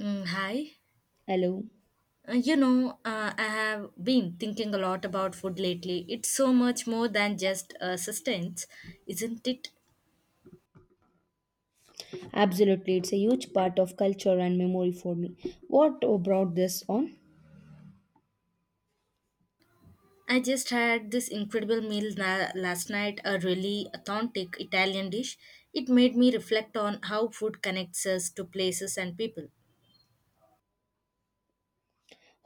Hi. Hello. I have been thinking a lot about food lately. It's so much more than just sustenance, isn't it? Absolutely, it's a huge part of culture and memory for me. What brought this on? I just had this incredible meal last night, a really authentic Italian dish. It made me reflect on how food connects us to places and people.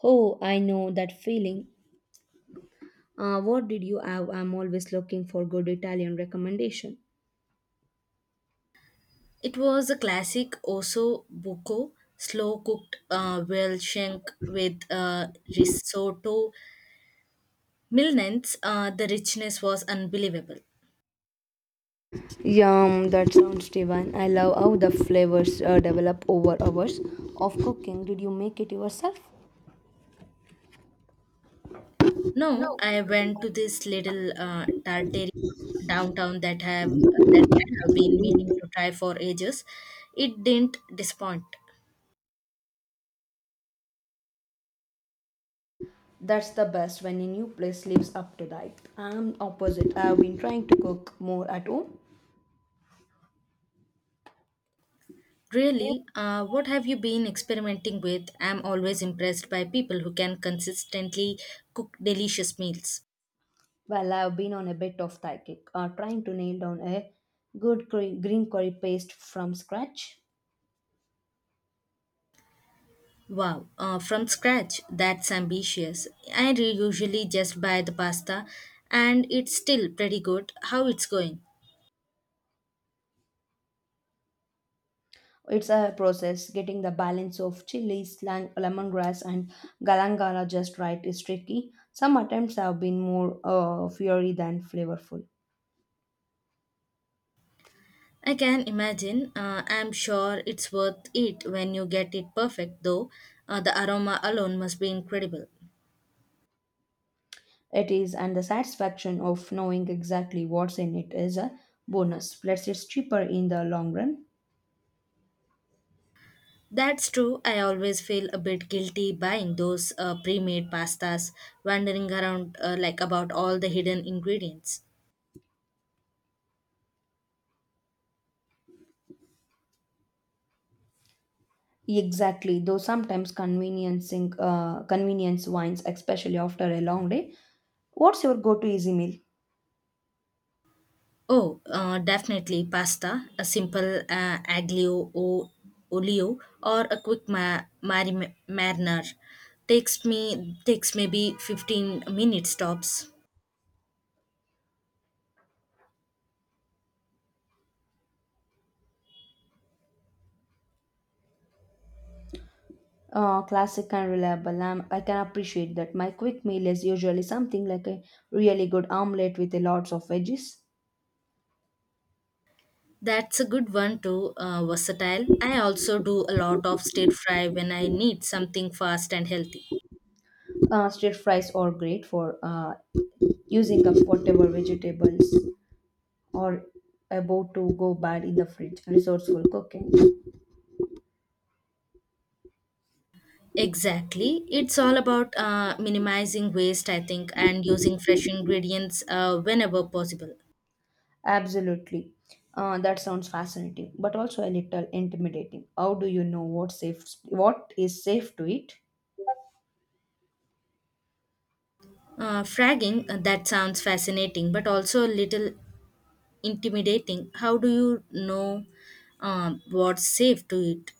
Oh, I know that feeling. What did you have? I'm always looking for good Italian recommendation. It was a classic osso buco, slow cooked whale shank with risotto. Milnence, the richness was unbelievable. Yum, that sounds divine. I love how the flavors develop over hours of cooking. Did you make it yourself? No, No. I went to this little tartary downtown that have that I have been meaning to try for ages. It didn't disappoint. That's the best when a new place lives up to that. I'm opposite. I've been trying to cook more at home. Really, what have you been experimenting with? I'm always impressed by people who can consistently cook delicious meals. Well, I've been on a bit of thai kick, trying to nail down a green curry paste from scratch. Wow, from scratch, that's ambitious. Usually just buy the pasta, and it's still pretty good. How it's going? It's a process. Getting the balance of chilies, lemongrass, and galangala just right is tricky. Some attempts have been more fiery than flavorful. I can imagine. I'm sure it's worth it when you get it perfect, though. The aroma alone must be incredible. It is, and the satisfaction of knowing exactly what's in it is a bonus. Plus, it's cheaper in the long run. That's true. I always feel a bit guilty buying those pre made pastas, wandering around about all the hidden ingredients. Exactly, though sometimes conveniencing convenience wines, especially after a long day. What's your go-to easy meal? Oh, definitely pasta, a simple aglio o olio, or a quick mariner. Takes maybe 15 minutes tops. Classic and reliable. I can appreciate that. My quick meal is usually something like a really good omelette with a lots of veggies. That's a good one too, versatile. I also do a lot of stir fry when I need something fast and healthy. Stir fries are great for using up whatever vegetables are about to go bad in the fridge. Resourceful cooking. Exactly. It's all about minimizing waste, I think, and using fresh ingredients whenever possible. Absolutely. That sounds fascinating, but also a little intimidating. How do you know what is safe to eat? Fragging, that sounds fascinating, but also a little intimidating. How do you know what's safe to eat?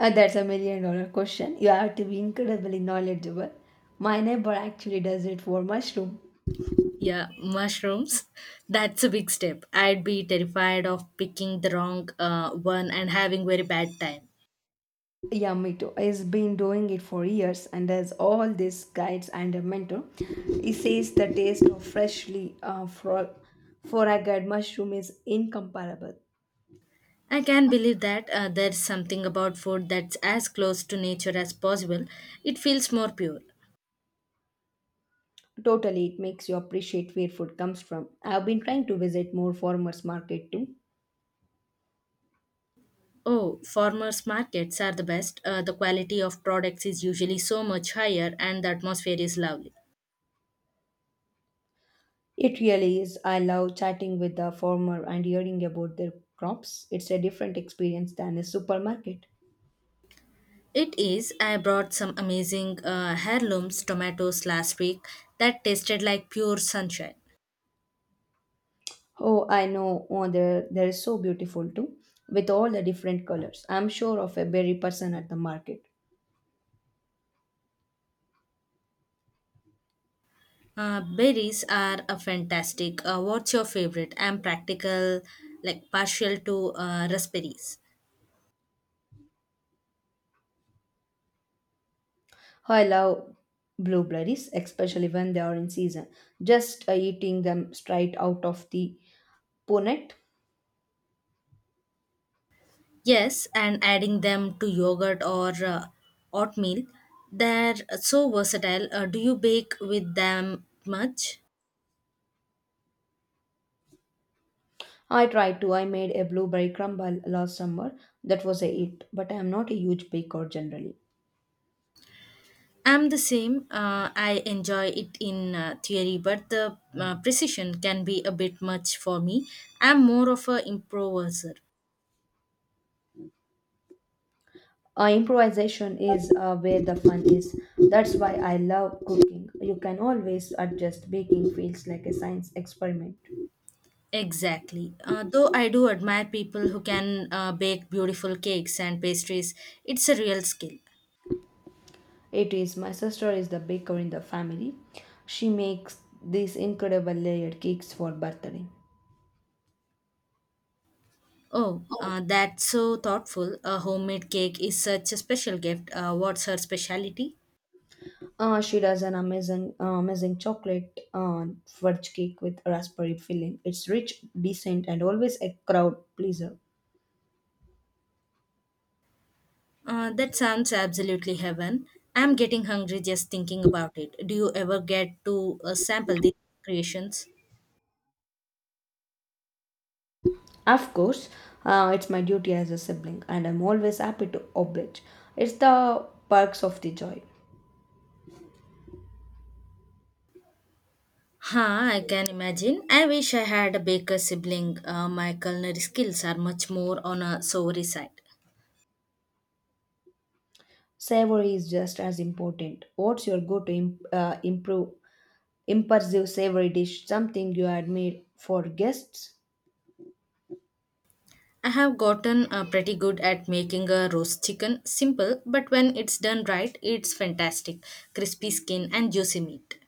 That's a million dollar question. You have to be incredibly knowledgeable. My neighbor actually does it for mushroom. Yeah, mushrooms. That's a big step. I'd be terrified of picking the wrong one and having very bad time. Yeah, me too. He's been doing it for years and has all these guides and a mentor. He says the taste of freshly forageed mushroom is incomparable. I can believe that there's something about food that's as close to nature as possible. It feels more pure. Totally, it makes you appreciate where food comes from. I've been trying to visit more farmers market too. Oh, farmers' markets are the best. The quality of products is usually so much higher, and the atmosphere is lovely. It really is. I love chatting with the farmer and hearing about their crops. It's a different experience than a supermarket. It is. I brought some amazing heirlooms tomatoes last week that tasted like pure sunshine. Oh, I know. Oh, they're so beautiful too, with all the different colors. I'm sure of a berry person at the market. Berries are a fantastic. What's your favorite? I'm practical, like partial to raspberries. Oh, I love blueberries, especially when they are in season. Just eating them straight out of the bonnet. Yes, and adding them to yogurt or oatmeal. They're so versatile. Do you bake with them much? I tried to. I made a blueberry crumble last summer. That was a hit, but I'm not a huge baker generally. I'm the same. I enjoy it in theory, but the precision can be a bit much for me. I'm more of a improviser. Improvisation is where the fun is. That's why I love cooking. You can always adjust. Baking feels like a science experiment. Exactly. Though I do admire people who can bake beautiful cakes and pastries, it's a real skill. It is. My sister is the baker in the family. She makes these incredible layered cakes for birthday. Oh, that's so thoughtful. A homemade cake is such a special gift. What's her specialty? She does an amazing chocolate fudge cake with raspberry filling. It's rich, decent, and always a crowd pleaser. That sounds absolutely heaven. I'm getting hungry just thinking about it. Do you ever get to sample these creations? Of course, it's my duty as a sibling, and I'm always happy to oblige. It's the perks of the joy. Huh, I can imagine. I wish I had a baker sibling. My culinary skills are much more on a savory side. Savory is just as important. What's your go to imp- improve impulsive savory dish? Something you had made for guests? I have gotten pretty good at making a roast chicken. Simple, but when it's done right, it's fantastic. Crispy skin and juicy meat.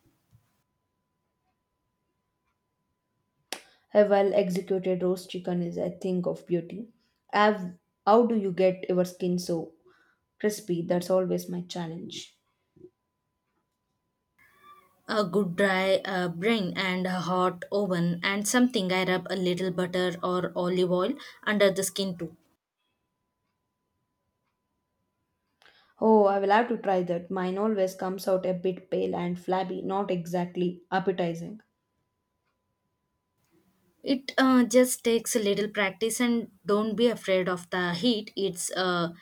A well executed roast chicken is a thing of beauty. Have, how do you get your skin so crispy? That's always my challenge. A good dry brain and a hot oven and something I rub a little butter or olive oil under the skin too. Oh, I will have to try that. Mine always comes out a bit pale and flabby, not exactly appetizing. It just takes a little practice and don't be afraid of the heat. It's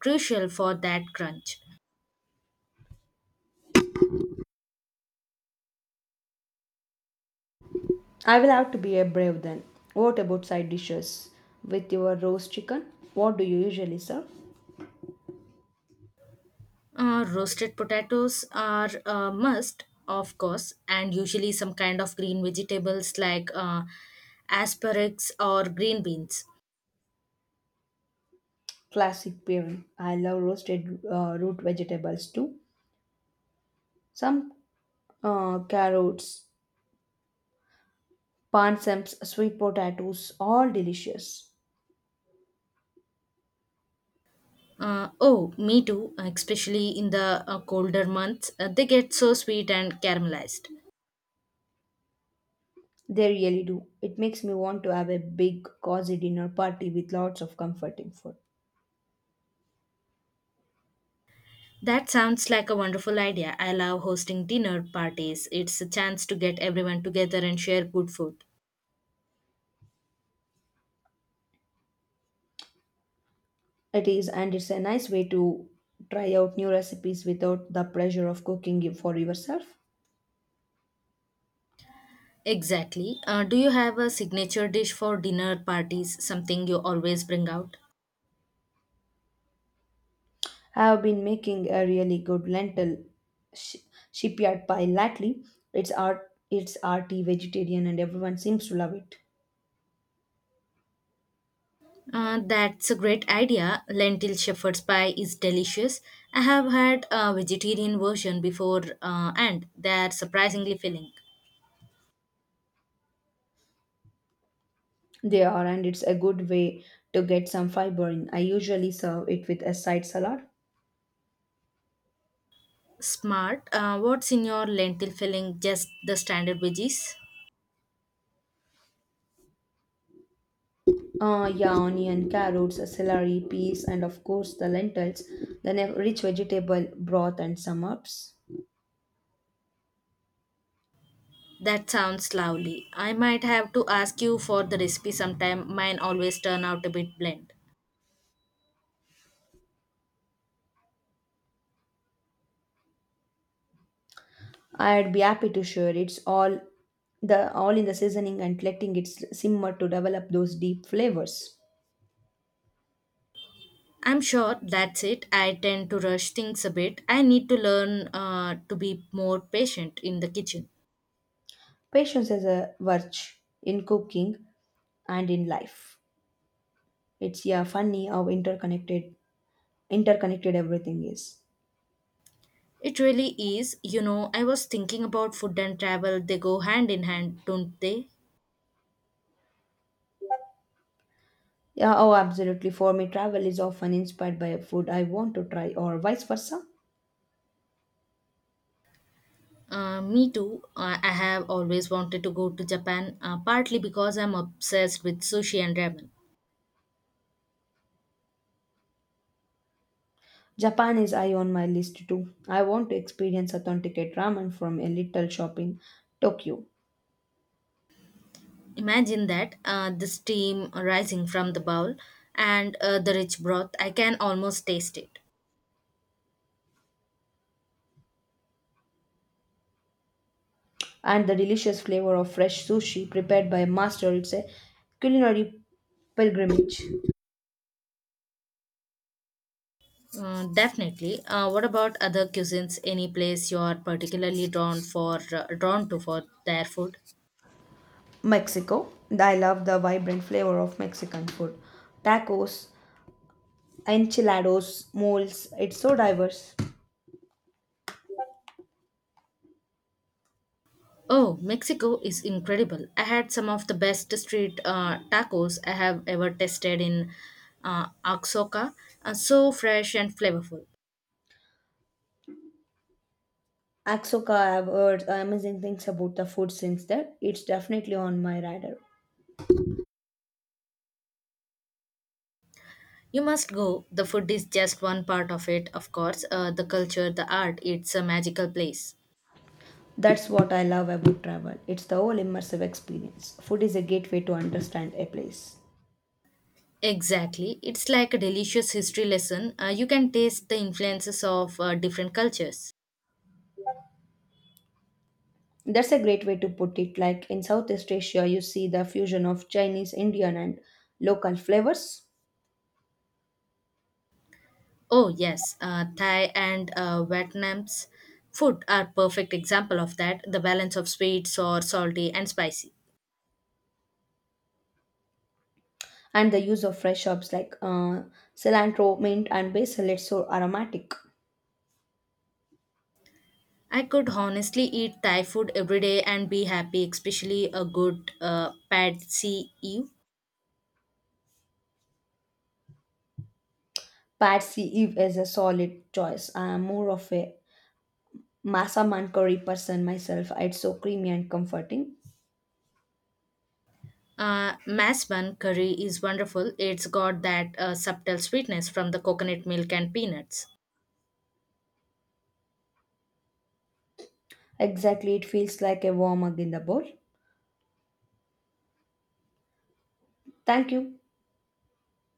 crucial for that crunch. I will have to be a brave then. What about side dishes? With your roast chicken, what do you usually serve? Roasted potatoes are a must, of course, and usually some kind of green vegetables like asparagus or green beans. Classic pairing. I love roasted root vegetables too. Some carrots, pansams, sweet potatoes, all delicious. Oh, Me too, especially in the colder months. They get so sweet and caramelized. They really do. It makes me want to have a big, cozy dinner party with lots of comforting food. That sounds like a wonderful idea. I love hosting dinner parties. It's a chance to get everyone together and share good food. It is, and it's a nice way to try out new recipes without the pressure of cooking it for yourself. Exactly. Do you have a signature dish for dinner parties, something you always bring out? I have been making a really good sh- shipyard pie lately. It's arty vegetarian, and everyone seems to love it. That's a great idea. Lentil shepherd's pie is delicious. I have had a vegetarian version before, and they are surprisingly filling. They are, and it's a good way to get some fiber in. I usually serve it with a side salad. Smart. What's in your lentil filling? Just the standard veggies? Yeah, onion, carrots, celery, peas, and of course the lentils. Then a rich vegetable broth and some herbs. That sounds lovely. I might have to ask you for the recipe sometime. Mine always turn out a bit bland. I'd be happy to share. It's all the all in the seasoning and letting it simmer to develop those deep flavors. I'm sure that's it. I tend to rush things a bit. I need to learn to be more patient in the kitchen. Patience is a virtue in cooking and in life. It's yeah funny how interconnected everything is. It really is. You know, I was thinking about food and travel. They go hand in hand, don't they? Yeah, oh absolutely. For me, travel is often inspired by a food I want to try or vice versa. Me too. I have always wanted to go to Japan, partly because I'm obsessed with sushi and ramen. Japan is high on my list too. I want to experience authenticate ramen from a little shop in Tokyo Imagine that the steam rising from the bowl and the rich broth. I can almost taste it. and the delicious flavor of fresh sushi prepared by a master. It's a culinary pilgrimage. Definitely. What about other cuisines? Any place you are particularly drawn for drawn to for their food? Mexico. I love the vibrant flavor of Mexican food. Tacos, enchiladas, moles. It's so diverse. Oh, Mexico is incredible. I had some of the best street tacos I have ever tasted in Oaxaca. So fresh and flavorful. Axoka, I've heard amazing things about the food since then. It's definitely on my radar. You must go. The food is just one part of it, of course. The culture, the art, it's a magical place. That's what I love about travel. It's the whole immersive experience. Food is a gateway to understand a place. Exactly. It's like a delicious history lesson. You can taste the influences of different cultures. That's a great way to put it. Like in Southeast Asia, you see the fusion of Chinese, Indian, and local flavors. Oh, yes. Thai and Vietnam's food are perfect example of that. The balance of sweet, sour, salty, and spicy. And the use of fresh herbs like cilantro, mint, and basil. It's so aromatic. I could honestly eat Thai food every day and be happy, especially a good pad see ew. Patsy Eve is a solid choice. I'm more of a massaman curry person myself. It's so creamy and comforting. Mass bun curry is wonderful. It's got that subtle sweetness from the coconut milk and peanuts. Exactly, it feels like a warm hug in the bowl. Thank you.